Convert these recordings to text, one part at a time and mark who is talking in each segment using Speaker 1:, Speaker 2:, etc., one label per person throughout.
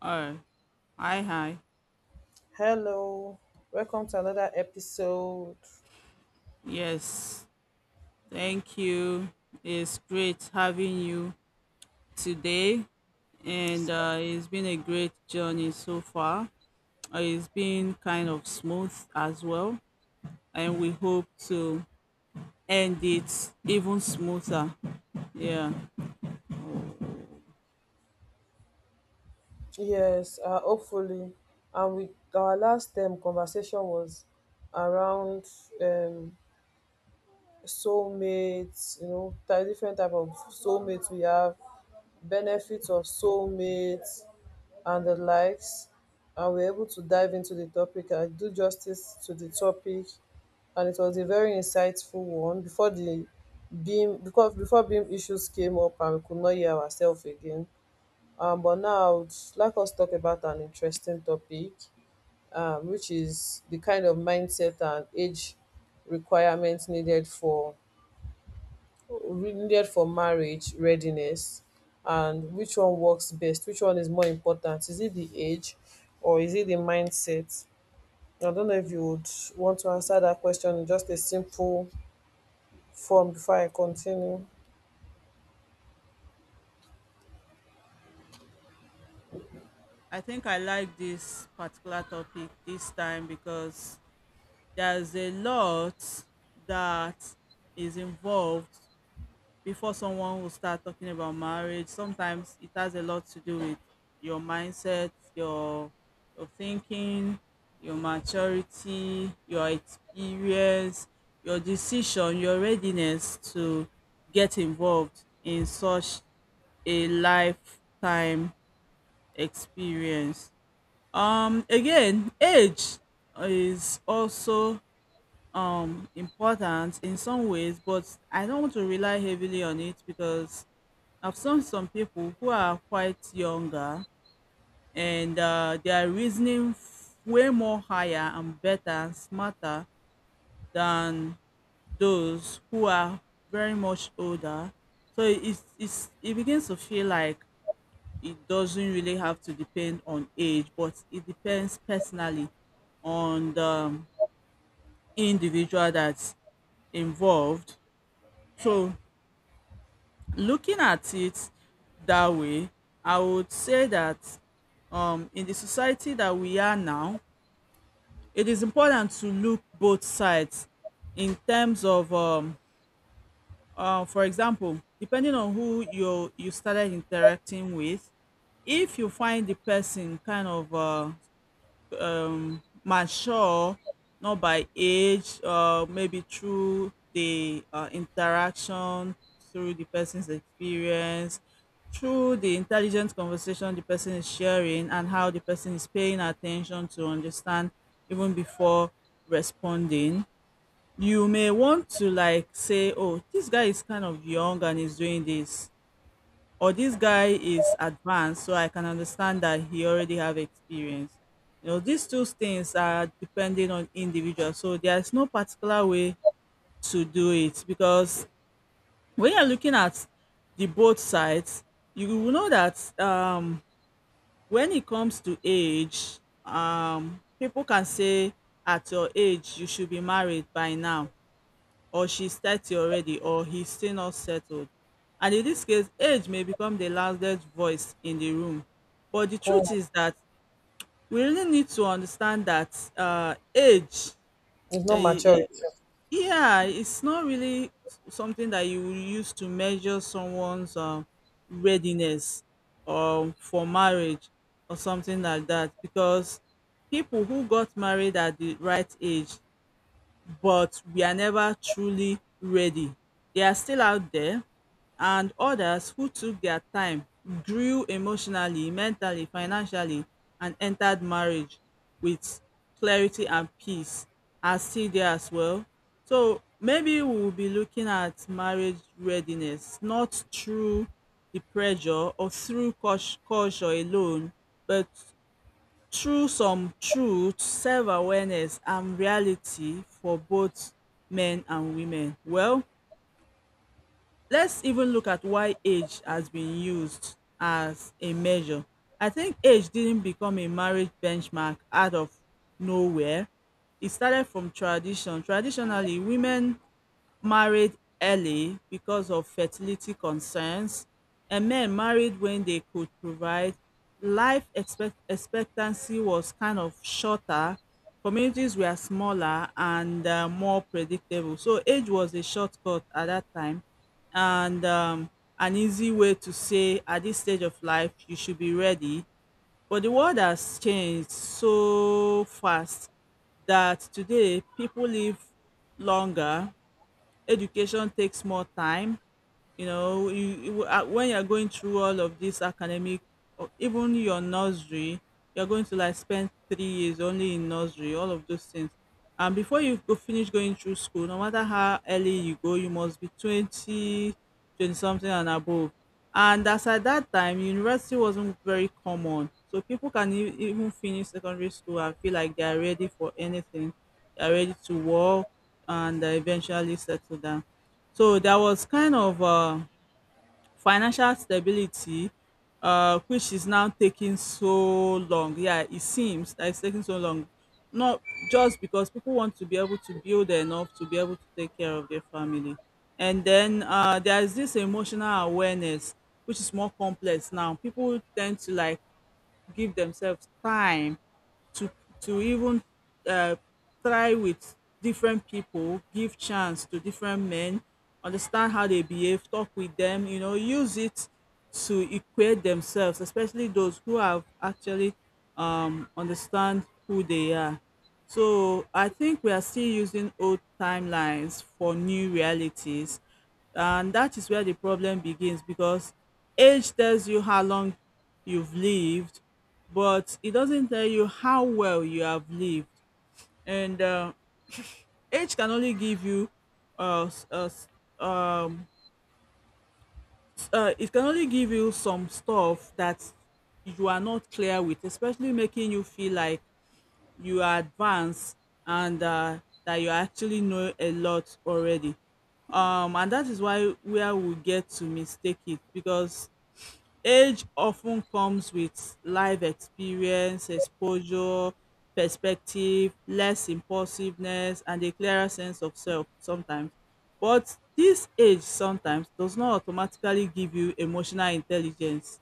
Speaker 1: Oh, hi, hi.
Speaker 2: Hello, welcome to another episode.
Speaker 1: Yes, thank you. It's great having you today, and it's been a great journey so far. It's been kind of smooth as well, and we hope to end it even smoother. Yeah,
Speaker 2: Yes, hopefully, and with our last conversation was around um, soulmates, you know, different type of soulmates we have, benefits of soulmates and the likes. And we're able to dive into the topic and do justice to the topic. And it was a very insightful one before the beam, because before beam issues came up and we could not hear ourselves again. But now I would like us to talk about an interesting topic, which is the kind of mindset and age requirements needed for needed for marriage readiness, and which one works best, which one is more important? Is it the age or is it the mindset? I don't know if you would want to answer that question in just a simple form before I continue.
Speaker 1: I think I like this particular topic this time because there's a lot that is involved before someone will start talking about marriage. Sometimes it has a lot to do with your mindset, your thinking, your maturity, your experience, your decision, your readiness to get involved in such a lifetime experience. Again, age is also important in some ways, but I don't want to rely heavily on it because I've seen some people who are quite younger, and they are reasoning way more higher and better and smarter than those who are very much older. So it begins to feel like it doesn't really have to depend on age, but it depends personally on the individual that's involved. So, looking at it that way, I would say that in the society that we are now, it is important to look both sides in terms of, for example, depending on who you started interacting with. If you find the person kind of mature, not by age, or maybe through the interaction, through the person's experience, through the intelligent conversation the person is sharing, and how the person is paying attention to understand even before responding. You may want to like say, oh, this guy is kind of young and is doing this, or this guy is advanced, so I can understand that he already have experience. These two things are depending on individual, so there's no particular way to do it, because when you're looking at the both sides you will know that when it comes to age, people can say at your age you should be married by now, or she's 30 already, or he's still not settled. And in this case, age may become the loudest voice in the room. But the
Speaker 2: Mm,
Speaker 1: truth is that we really need to understand that age,
Speaker 2: it's
Speaker 1: uh,
Speaker 2: not maturity.
Speaker 1: yeah, it's not really something that you will use to measure someone's readiness for marriage or something like that, because people who got married at the right age but we are never truly ready. They are still out there, and others who took their time grew emotionally, mentally, financially, and entered marriage with clarity and peace are still there as well. So maybe we'll be looking at marriage readiness, not through the pressure or through culture alone, but through some truth, self awareness and reality for both men and women. Well, let's even look at why age has been used as a measure. I think age didn't become a marriage benchmark out of nowhere. It started from tradition. Traditionally, women married early because of fertility concerns, and men married when they could provide. Life expectancy was kind of shorter, communities were smaller, and more predictable. So, age was a shortcut at that time, and an easy way to say at this stage of life, you should be ready. But the world has changed so fast that today people live longer, education takes more time. You know you, you When you're going through all of this academic, or even your nursery, you're going to like spend 3 years only in nursery, all of those things. And before you go finish going through school, no matter how early you go, you must be 20, 20 something and above. And as at that time university wasn't very common, so people can even finish secondary school and feel like they are ready for anything, are ready to work, and eventually settle down. So there was kind of financial stability, which is now taking so long. Yeah, it seems that it's taking so long. Not just because people want to be able to build enough to be able to take care of their family. And then there is this emotional awareness, which is more complex now. People tend to like give themselves time to to even uh, try with different people, give chance to different men, understand how they behave, talk with them, use it to equate themselves, especially those who have actually understand who they are. So I think we are still using old timelines for new realities, and that is where the problem begins, because age tells you how long you've lived, but it doesn't tell you how well you have lived. And age can only give you s- um, it can only give you some stuff that you are not clear with, especially making you feel like you are advanced, and that you actually know a lot already. And that is why where we get to mistake it, because age often comes with life experience, exposure, perspective, less impulsiveness, and a clearer sense of self sometimes. But this age sometimes does not automatically give you emotional intelligence.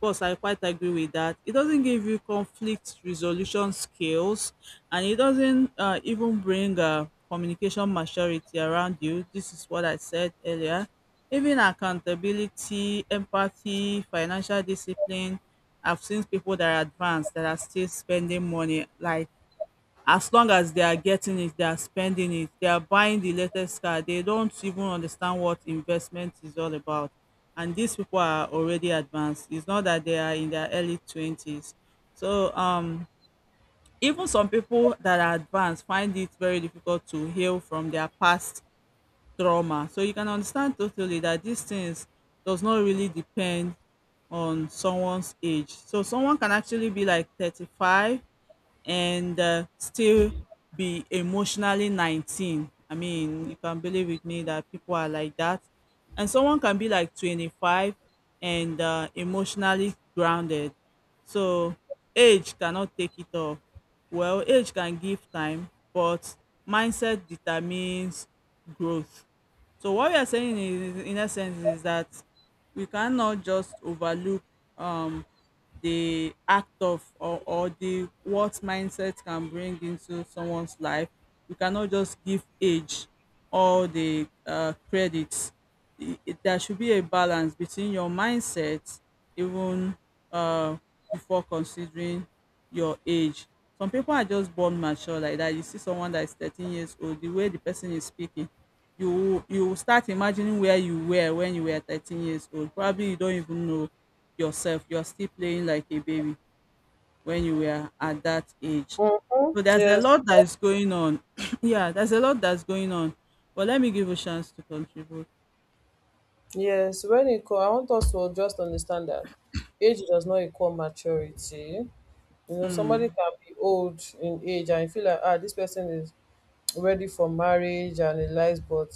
Speaker 1: Course, I quite agree with that. It doesn't give you conflict resolution skills, and it doesn't even bring communication maturity around you. This is what I said earlier. Even accountability, empathy, financial discipline. I've seen people that are advanced that are still spending money like, as long as they are getting it, they are spending it, they are buying the latest car, they don't even understand what investment is all about. And these people are already advanced. It's not that they are in their early 20s. So, even some people that are advanced find it very difficult to heal from their past trauma. So, you can understand totally that these things does not really depend on someone's age. So, someone can actually be like 35 and still be emotionally 19. I mean, you can believe with me that people are like that. And someone can be like 25 and emotionally grounded. So, age cannot take it off. Well, age can give time, but mindset determines growth. So what we are saying is, in essence, is that we cannot just overlook um, the act of, or the what mindset can bring into someone's life. We cannot just give age all the credits. There should be a balance between your mindset, even uh, before considering your age. Some people are just born mature like that. You see someone that is 13 years old, the way the person is speaking, you start imagining where you were when you were 13 years old. Probably you don't even know yourself. You're still playing like a baby when you were at that age. So there's a
Speaker 2: Yes,
Speaker 1: lot that is going on. Yeah, there's a lot that's going on. But let me give a chance to contribute.
Speaker 2: yes, when it comes, I want us to just understand that age does not equal maturity. You know, somebody
Speaker 1: Mm.
Speaker 2: can be old in age and you feel like, ah, this person is ready for marriage and a life, but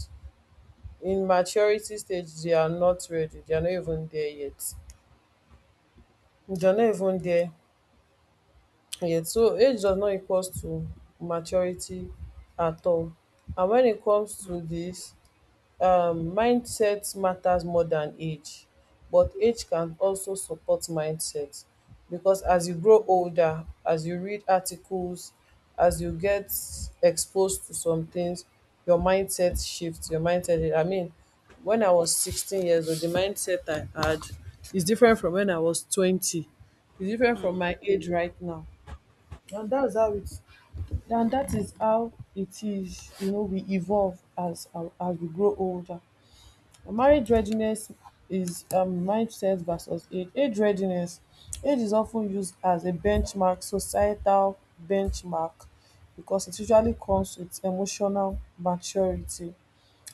Speaker 2: in maturity stage they are not ready. They are not even there yet. They are not even there yet. So age does not equals to maturity at all. And when it comes to this, mindset matters more than age, but age can also support mindset, because as you grow older, as you read articles, as you get exposed to some things, your mindset shifts. Your mindset, I mean, when I was 16 years old, the mindset I had is different from when I was 20. It's different from my age right now. and that's how it and that is how it is. You know, we evolve as we grow older. Marriage readiness is, mindset versus age. Age readiness. Age is often used as a benchmark, societal benchmark, because it usually comes with emotional maturity,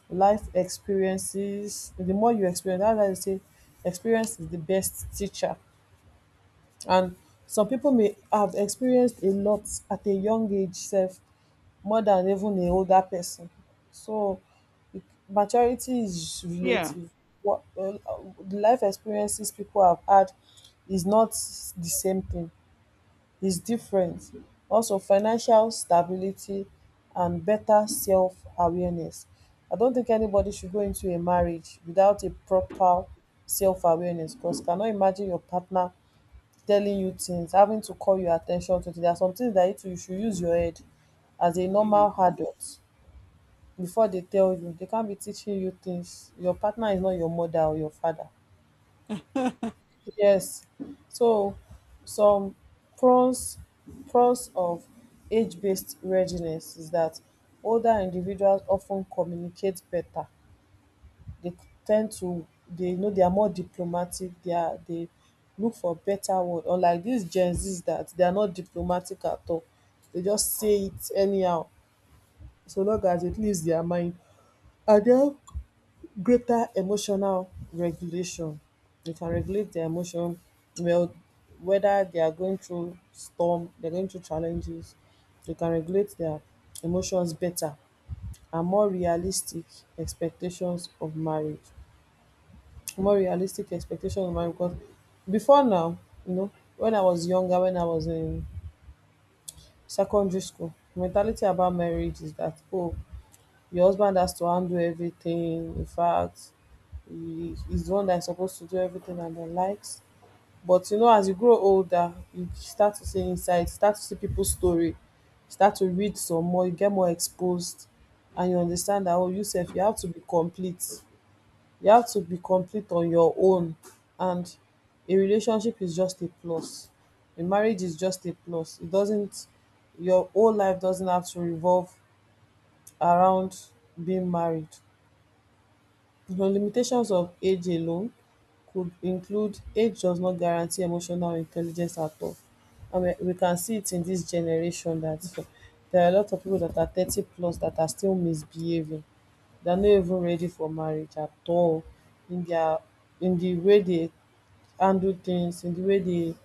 Speaker 2: life experiences. The more you experience, that's why they say experience is the best teacher. And some people may have experienced a lot at a young age self more than even a older person. So it- Maturity is
Speaker 1: Yeah.
Speaker 2: relative. What the life experiences people have had is not the same thing, is different. Also financial stability and better self awareness. I don't think anybody should go into a marriage without a proper self awareness, cos cannot imagine your partner telling you things, having to call your at ten tion to things. There are some things that you too you should use your head as a
Speaker 1: Mm.
Speaker 2: normal adult before they tell you. They can't be teaching you things. Your partner is not your mother or your father. Yes. So some pros pros of age-based readiness is that older individuals often communicate better, dey ten d to dey, you know, they are more diplomatic, they are dey look for better word, unlike dis gen z's that they are not diplomatic at all. Dey just say it anyhow, so long as it leaves their mind, and they have greater emotional regulation. They can regulate their emotion well, whether they are going through storm, they are going through challenges, they can regulate their emotions better. And more realistic expectations of marriage, more realistic expectation of mine, because before now, you know, when I was younger, when I was in secondary school, mentality about marriage is that, oh, your husband has to handle everything. In fact, he's the one that's supposed to do everything and the likes. But you know, as you grow older, you start to see insights, start to see people's story, start to read some more, you get more exposed, and you understand that, oh, you self, you have to be complete. You have to be complete on your own, and a relationship is just a plus. A marriage is just a plus. It doesn't Your whole life doesn't have to revolve around being married. The limitations of age alone could include age does not guarantee emotional intelligence at all. And we can see it in this generation that there are a lot of people that are 30 plus that are still misbehaving. They're not even ready for marriage at all, in their, in the way they handle things, in the way they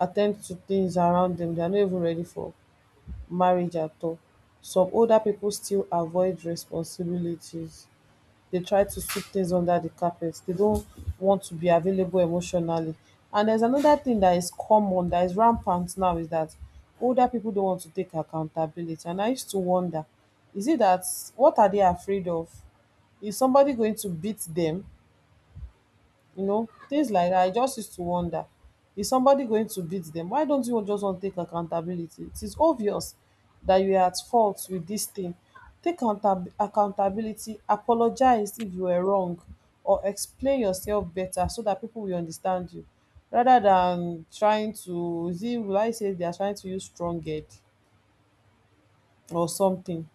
Speaker 2: attend to things around them. They're not even ready for marriage at all. Some older people still avoid responsibilities, they try to sweep things under the carpet. They don't want to be available emotionally. And there's another thing that is common, that is rampant now, is that older people don't want to take accountability. And I used to wonder, is it that, what are they afraid of? Is somebody going to beat them? You know, things like that. I just used to wonder, is somebody going to beat them? Why don't you just want to take accountability? It is obvious that you are at fault with this thing. Take accountability, apologize if you were wrong, or explain yourself better so that people will understand you, rather than trying to, is it, will I say they are trying to use strong head or something.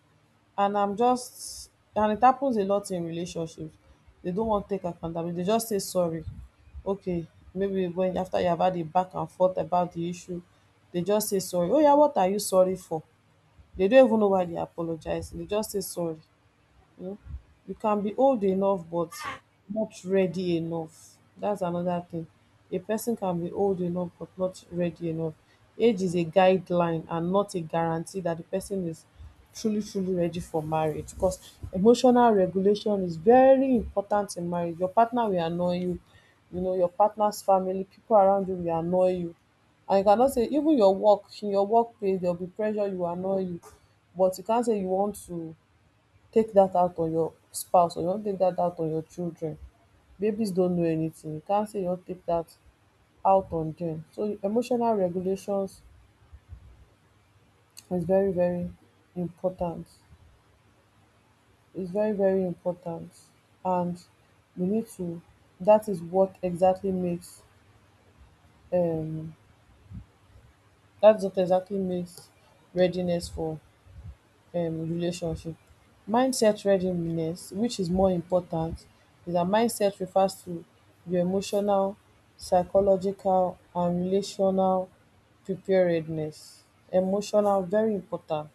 Speaker 2: And I'm just and it happens a lot in relationships. They don't want to take accountability. They just say sorry. Okay, maybe when after you have had a back and forth about the issue, they just say sorry. Oh yeah, what are you sorry for? They don't even know why they apologizing. They just say sorry. You know, you can be old enough but not ready enough. That's another thing. A person can be old enough but not ready enough. Age is a guideline and not a guarantee that the person is truly, truly ready for marriage, because emotional regulation is very important in marriage. Your partner will annoy you, you know, your partner's family, people around you will annoy you. And you cannot say, even your work, in your workplace, there'll be pressure, you will annoy you. But you can't say you want to take that out on your spouse, or you wan take that out on your children. Babies don't know anything, you can't say you wan take that out on them. So emotional regulations is very very important. It's very very important, and we need to That is what exactly makes um that's what exactly makes readiness for relationship. Mindset readiness, which is more important, is dat mindset refers to your emotional, psychological and relational preparedness. Emotional very important,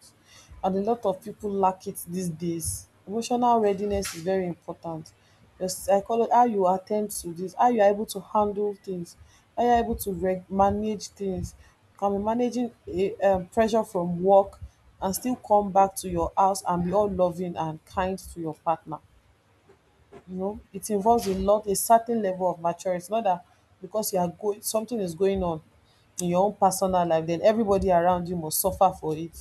Speaker 2: and a lot of people lack it these days. Emotional readiness is very important. The psycholo, how you attend to this, how you are able to handle things, how you are able to reg manage things. You can be managing a pressure from work and still come back to your house and be all loving and kind to your partner. You know, it involves a lot, a certain level of maturity. Not that because you are going, something is going on in your own personal life, then everybody around you must suffer for it,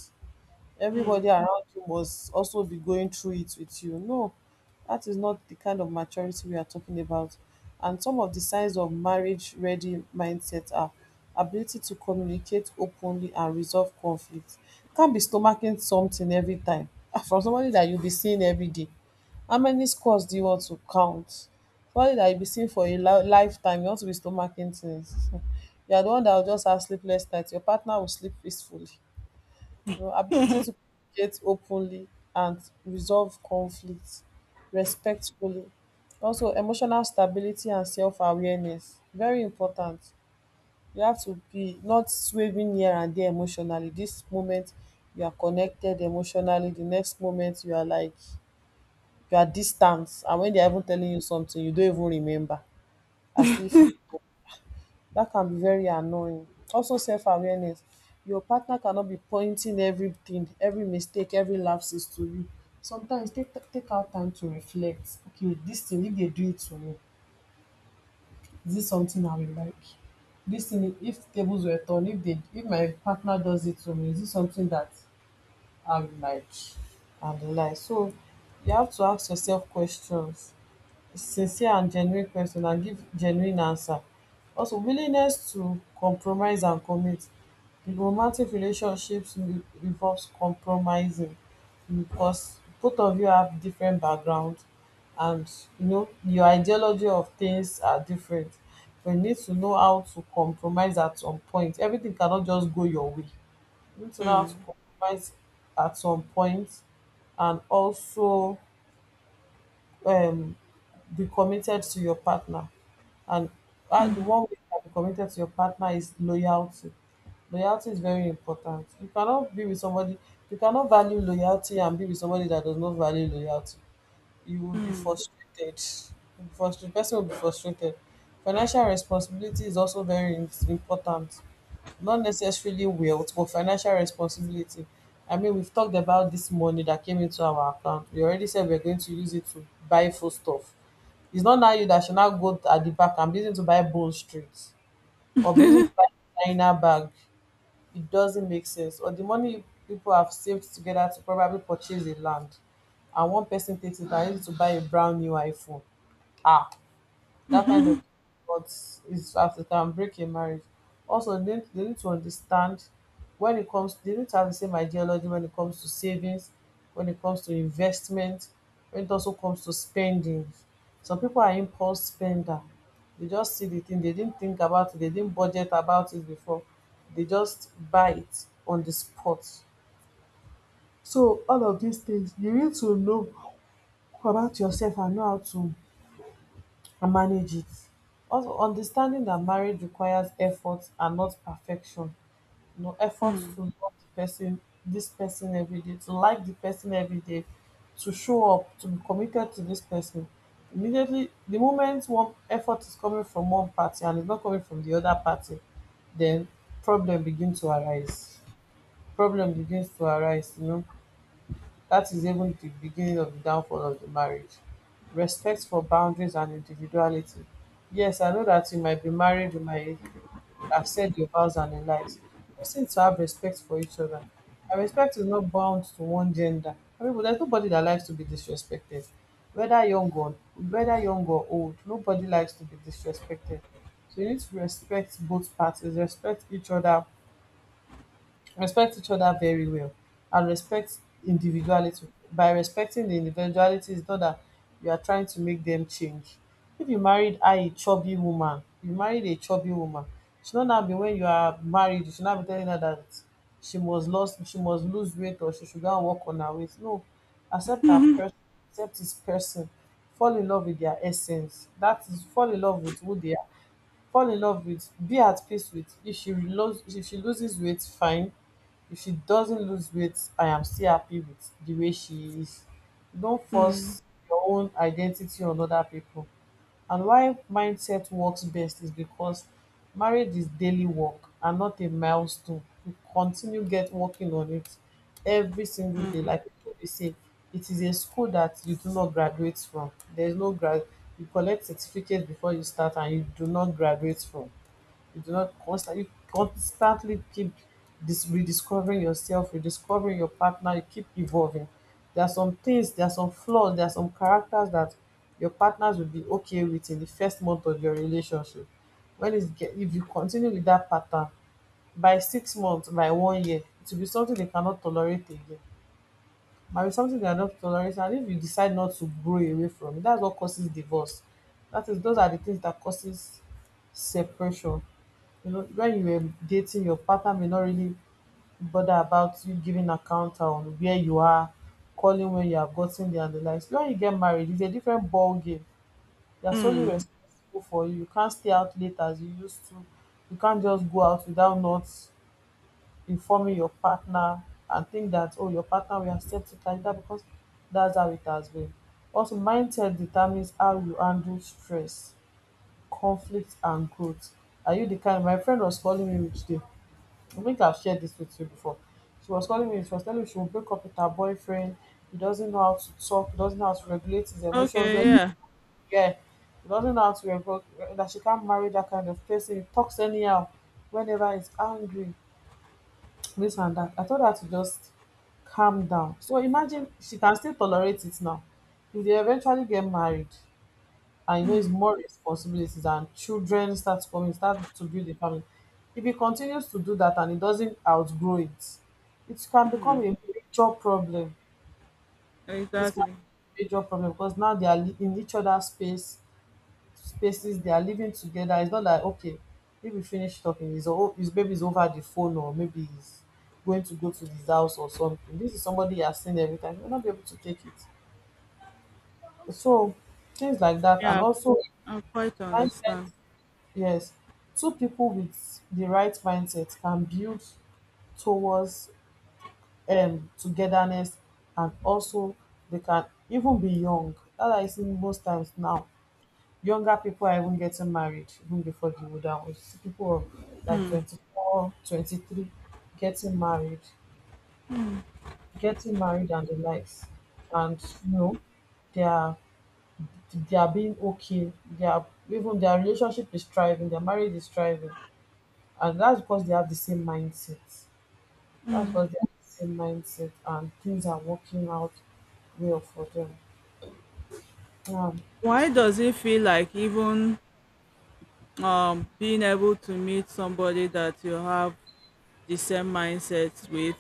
Speaker 2: everybody around you must also be going through it with you. No, that is not the kind of maturity we are talking about. And some of the signs of marriage ready mindset are ability to communicate openly and resolve conflict. Can't be stomaching something every time. Ah, from somebody that you'll be seeing every day. How many scores do you want to count? Somebody that you'll be seeing for a lifetime, you want to be stomaching things. You are the one that will just have sleepless nights. Your partner will sleep peacefully. Your ability to communicate openly and resolve conflicts respectfully. Also, emotional stability and self-awareness, very important. You have to be not swerving here and there emotionally. This moment you are connected emotionally, the next moment you are like you are distant, and when they are even telling you something, you don't even remember, as if, that can be very annoying. Also self awareness. Your partner cannot be pointing everything, every mistake, every lapses to you. Sometimes take out time to reflect. Okay, this thing if dey do it to me, is this something I will like? This thing if tables were turned, if my partner does it to me, is this something that I will like? And the like. So you have to ask yourself questions, sincere and genuine question, and give genuine answer. Also willingness to compromise and commit. In Romantic relationships, involves compromising, because both of you have different background, and you know your ideology of things are different. But you need to know how to compromise at some point. Everything cannot just go your way. You need to know how to
Speaker 1: Mm.
Speaker 2: compromise at some point, and also, um, be committed to your partner. And the one way you can be committed to your partner is loyalty. Loyalty is very important. You cannot be with somebody, you cannot value loyalty and be with somebody that does not value loyalty, you will be frustrated. The person will be frustrated. Financial responsibility is also important. Not necessarily wealth, but financial responsibility. I mean, we've talked about this money that came into our account. We already said we're going to use it to buy food stuff. It's not now you that should now go at the back and be using to buy Bone Street or be using to buy China bag, it doesn't make sense, or the money people have saved together to probably purchase a land and one person takes it and uses it to buy a brand new iphone. Ah, that kind of, but it's as it can break a marriage. Also, they need to understand when it comes, they need to have the same ideology when it comes to savings, when it comes to investment, when it also comes to spending. Some people are impulse spender. They just see the thing, they didn't think about it, they didn't budget about it before. They just buy it on the spot. So all of these things, you need to know about yourself and know how to and manage it. Also, understanding that marriage requires effort and not perfection. You know, effort to love the person, this person every day, to like the person every day, to show up, to be committed to this person. Immediately, the moment one effort is coming from one party and it's not coming from the other party, then problem begin to arise. Problem begins to arise, you know. That is even the beginning of the downfall of the marriage. Respect for boundaries and individuality. Yes, I know that you might be married, you might have said your vows and your lives. Person to have respect for each other. And respect is not bound to one gender. I mean, but there's nobody that likes to be disrespected. Whether young or whether young or old, nobody likes to be disrespected. So you need to respect both parties, respect each other, respect each other very well, and respect individuality. By respecting the individuality, it's not that you are trying to make them change. If you married a chubby woman, you married a chubby woman. It should not now be when you are married you should not be telling her that she must lose weight, or she should go and work on her weight. No, accept her person, accept his person, fall in love with their essence, that is fall in love with who they are, fall in love with, be at peace with. If she loses weight, fine. If she doesn't lose weight, I am still happy with the way she is. Don't
Speaker 1: Mm.
Speaker 2: force your own identity on other people. And why mindset works best is because marriage is daily work and not a milestone. You continue get working on it every single day. Like people dey say, it is a school that you do not graduate from. There is no grad. You collect certificate before you start and you do not graduate from. You do not constantly keep dis rediscovering yourself, rediscovering your partner, you keep evolving. There are some things, there are some flaws, there are some characters that your partners will be okay with in the first month of your relationship. When it's get If you continue with that pattern, by 6 months, by 1 year, it will be something they cannot tolerate again. Might be something they are not tolerating, and if you decide not to grow away from it, that's what causes divorce. That is Those are the things that causes separation. You know, when you were dating, your partner may not really bother about you giving account on where you are, calling when you have gotten there and the likes. When you get married, it's a different ball game. They are solely
Speaker 1: Mm.
Speaker 2: responsible for you. You can't stay out late as you used to. You can't just go out without not informing your partner and think that oh, your partner will accept it like that because that's how it has been. Also mindset determines how you handle stress, conflict and growth. Are you the kind, my friend was calling me today, I think I've shared this with you before. She was calling me, she was telling me she will break up with her boyfriend. He doesn't know how to talk, he doesn't know how to regulate his emotions
Speaker 1: Okay,
Speaker 2: when,
Speaker 1: yeah.
Speaker 2: yeah. He doesn't know how to regulate, that she can't marry that kind of person. He talks anyhow whenever he's angry, this and that. I told her to just calm down. So imagine she can still tolerate it now. If they eventually get married, and you know it's more responsibilities and children start coming, start to build a family, if he continues to do that and he doesn't outgrow it, it can become a major problem. It can
Speaker 1: Exactly.
Speaker 2: be a major problem because now they are in each other's spaces, they are living together. It's not like okay, if we finish talking his baby's over the phone or maybe he's going to go to his house or something, this is somebody he has seen every time, he will not be able to take it. So things like that, and
Speaker 1: Yeah,
Speaker 2: also,
Speaker 1: I quite understand.
Speaker 2: yes, two people with the right mindset can build towards togetherness. And also they can even be young. That I see most times now, younger people are even getting married even before the older ones. See, people of like 24, 23, getting married, getting married and the likes. And you know, they are they are being okay. They are even their relationship is thriving, their marriage is thriving. And that's because they have the same mindset. That's because they have the same mindset and things are working out well for them. Um,
Speaker 1: Why does it feel like even being able to meet somebody that you have the same mindsets with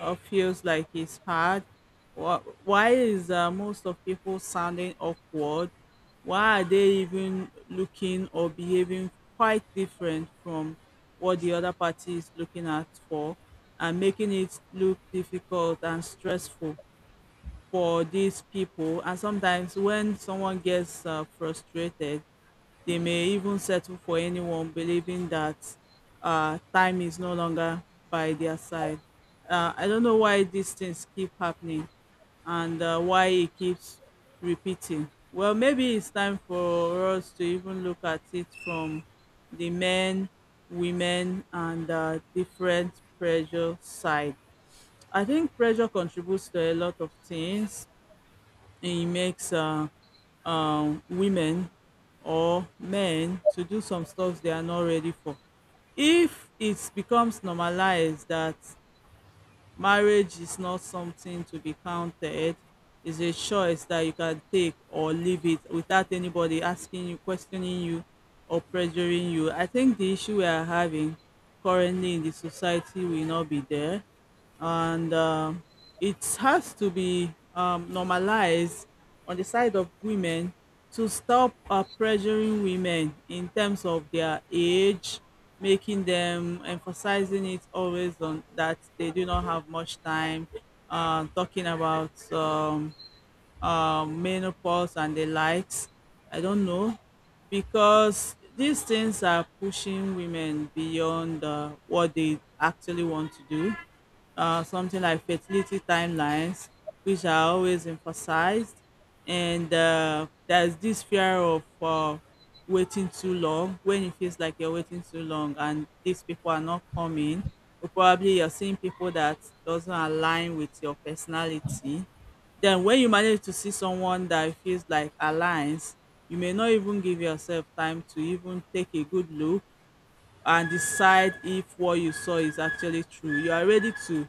Speaker 1: feels like it's hard? Why is most of people sounding awkward? Why are they even looking or behaving quite different from what the other party is looking at for, and making it look difficult and stressful for these people? And sometimes when someone gets frustrated, they may even settle for anyone, believing that time is no longer by their side. I don't know why these things keep happening, and why it keeps repeating. Well, maybe it's time for us to even look at it from the men, women, and different pressure side. I think pressure contributes to a lot of things. It makes women or men to do some stuff they are not ready for. If it becomes normalized that marriage is not something to be counted, is a choice that you can take or leave it without anybody asking you, questioning you, or pressuring you, I think the issue we are having currently in the society will not be there. And it has to be normalized on the side of women, to stop pressuring women in terms of their age, making them emphasizing it always on that they do not have much time, talking about menopause and the likes. I don't know, because these things are pushing women beyond what they actually want to do. Something like fertility timelines, which are always emphasized, and there's this fear of waiting too long, when it feels like you're waiting too long and these people are not coming. Or probably you're seeing people that doesn't align with your personality, then when you manage to see someone that feels like aligns, you may not even give yourself time to even take a good look and decide if what you saw is actually true. You are ready to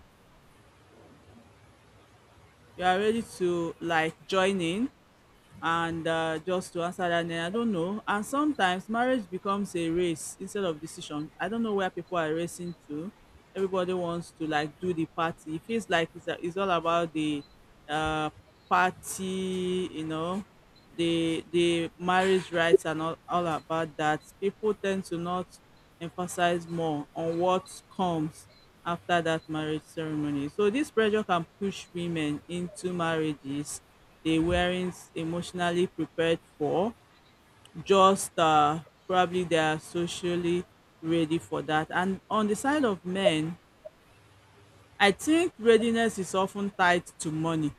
Speaker 1: like join in and just to answer that. Then I don't know. And sometimes marriage becomes a race instead of decision. I don't know where people are racing to. Everybody wants to like do the party. It feels like it's all about the uh, party, the marriage rights and all about that, people tend to not emphasize more on what comes after that marriage ceremony. So this pressure can push women into marriages they weren't emotionally prepared for, just probably they are socially ready for that. And on the side of men, I think readiness is often tied to money.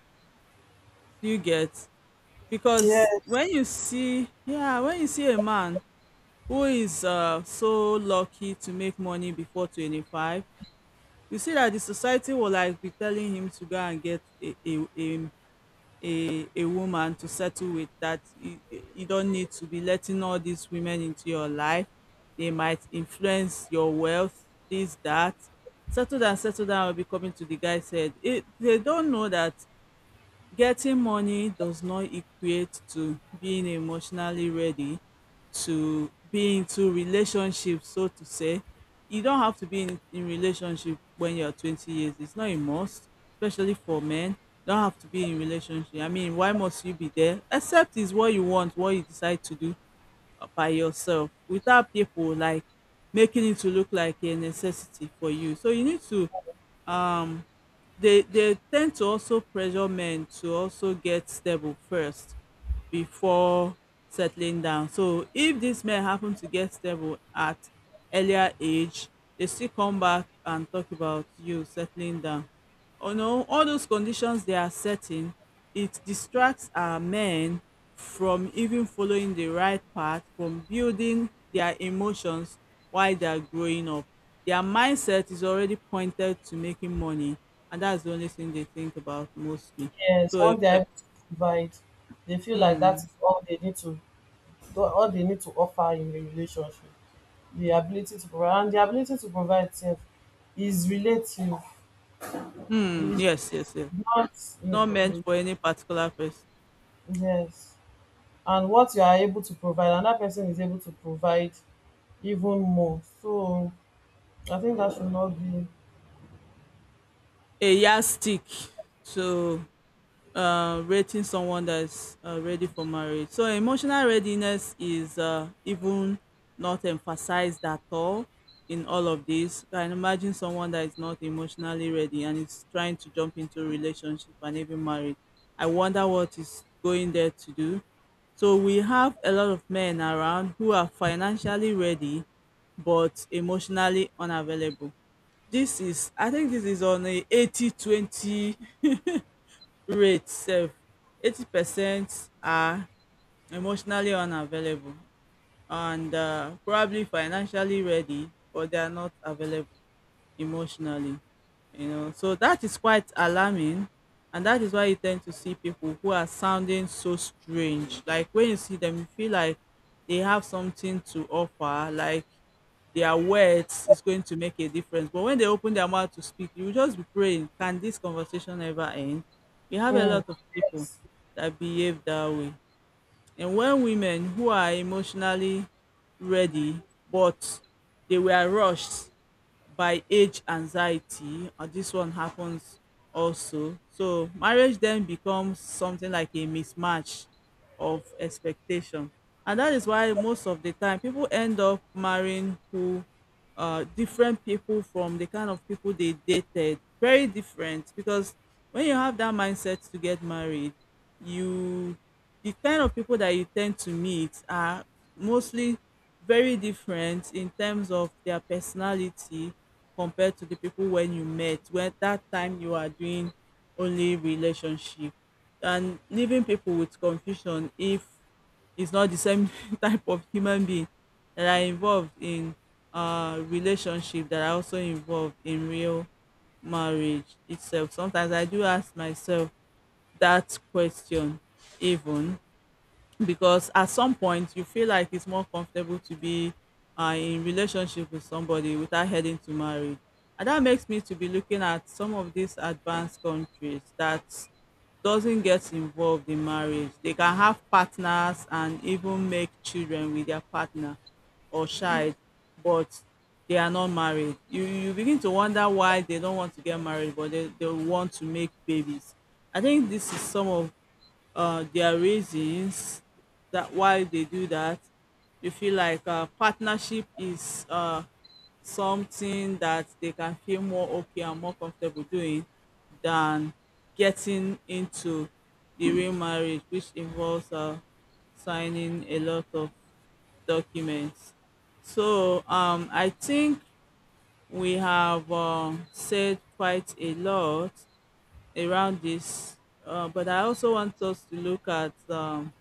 Speaker 1: Do you get? Because
Speaker 2: yes,
Speaker 1: when you see, yeah, when you see a man who is so lucky to make money before 25, you see that the society will like be telling him to go and get a woman to settle with. That you don't need to be letting all these women into your life, they might influence your wealth, this, that. Settle down, settle down will be coming to the guy's head. They don't know that getting money does not equate to being emotionally ready to be into relationship, so to say. You don't have to be in relationship when you're 20 years. It's not a must, especially for men. Don't have to be in relationship. I mean, why must you be there? Except is what you want, what you decide to do by yourself, without people like making it to look like a necessity for you. So you need to um they tend to also pressure men to also get stable first before settling down. So if these men happen to get stable at earlier age, they still come back and talk about you settling down. Oh no, all those conditions they are setting, it distracts our men from even following the right path, from building their emotions while they are growing up. Their mindset is already pointed to making money, and that's the only thing they think about mostly.
Speaker 2: yes.
Speaker 1: So,
Speaker 2: Once they're able to provide, they feel like that
Speaker 1: mm,
Speaker 2: is all they need to, all they need to offer in the relationship. The ability to provide, and the ability to provide self, is relative. It
Speaker 1: mm,
Speaker 2: is
Speaker 1: yes, yes, yes.
Speaker 2: not,
Speaker 1: Not meant for any particular person.
Speaker 2: yes. And what you are able to provide, another person is able to provide even more. So I think that should not be.
Speaker 1: A yardstick. So rating someone that's ready for marriage. So emotional readiness is even not emphasized at all in all of this. Can imagine someone that is not emotionally ready and is trying to jump into a relationship and even marriage. I wonder what is going there to do. So we have a lot of men around who are financially ready but emotionally unavailable. This is I think this is on a 80-20. Rate sef 80% are emotionally unavailable and probably financially ready, but they are not available emotionally, you know. So that is quite alarming, and that is why you tend to see people who are sounding so strange. Like when you see them, you feel like they have something to offer, like their words is going to make a difference. But when they open their mouth to speak, you will just be praying, can this conversation ever end? We have a
Speaker 2: Mm.
Speaker 1: lot of people
Speaker 2: Yes.
Speaker 1: that behave that way. And when women who are emotionally ready, but they were rushed by age anxiety, and this one happens also. So marriage then becomes something like a mismatch of expectation. And that is why most of the time people end up marrying who different people from the kind of people they dated. Very different, because when you have that mindset to get married, you the kind of people that you tend to meet are mostly very different in terms of their personality compared to the people when you met, when that time you are doing only relationship, and leaving people with confusion if it's not the same type of human being that are involved in relationship that are also involved in real marriage itself. Sometimes I do ask myself that question, even, because at some point you feel like it's more comfortable to be in relationship with somebody without heading to marriage. And that makes me to be looking at some of these advanced countries that doesn't get involved in marriage. They can have partners and even make children with their partner or child, but they are not married. You begin to wonder why they don't want to get married but they want to make babies. I think this is some of their reasons that why they do that. They feel like partnership is something that they can feel more okay and more comfortable doing than getting into the real marriage, which involves signing a lot of documents. So I think we have said quite a lot around this, but I also want us to look at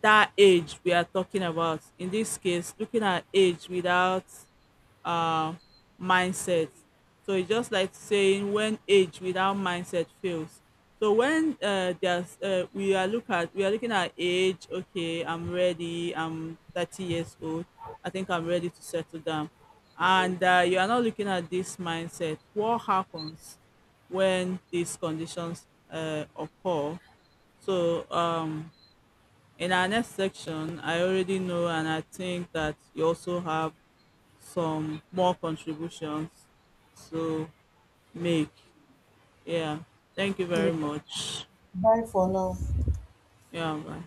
Speaker 1: that age we are talking about. In this case, looking at age without uh, mindset, so it's just like saying when age without mindset fails. So when there's we are look at we are looking at age, okay, I'm ready, I'm 30 years old, I think I'm ready to settle down, and you are not looking at this mindset, what happens when these conditions occur. So in our next section, I already know, and I think that you also have some more contributions to make. Yeah. Thank you very
Speaker 2: Yes.
Speaker 1: much.
Speaker 2: Bye for now.
Speaker 1: Yeah, bye.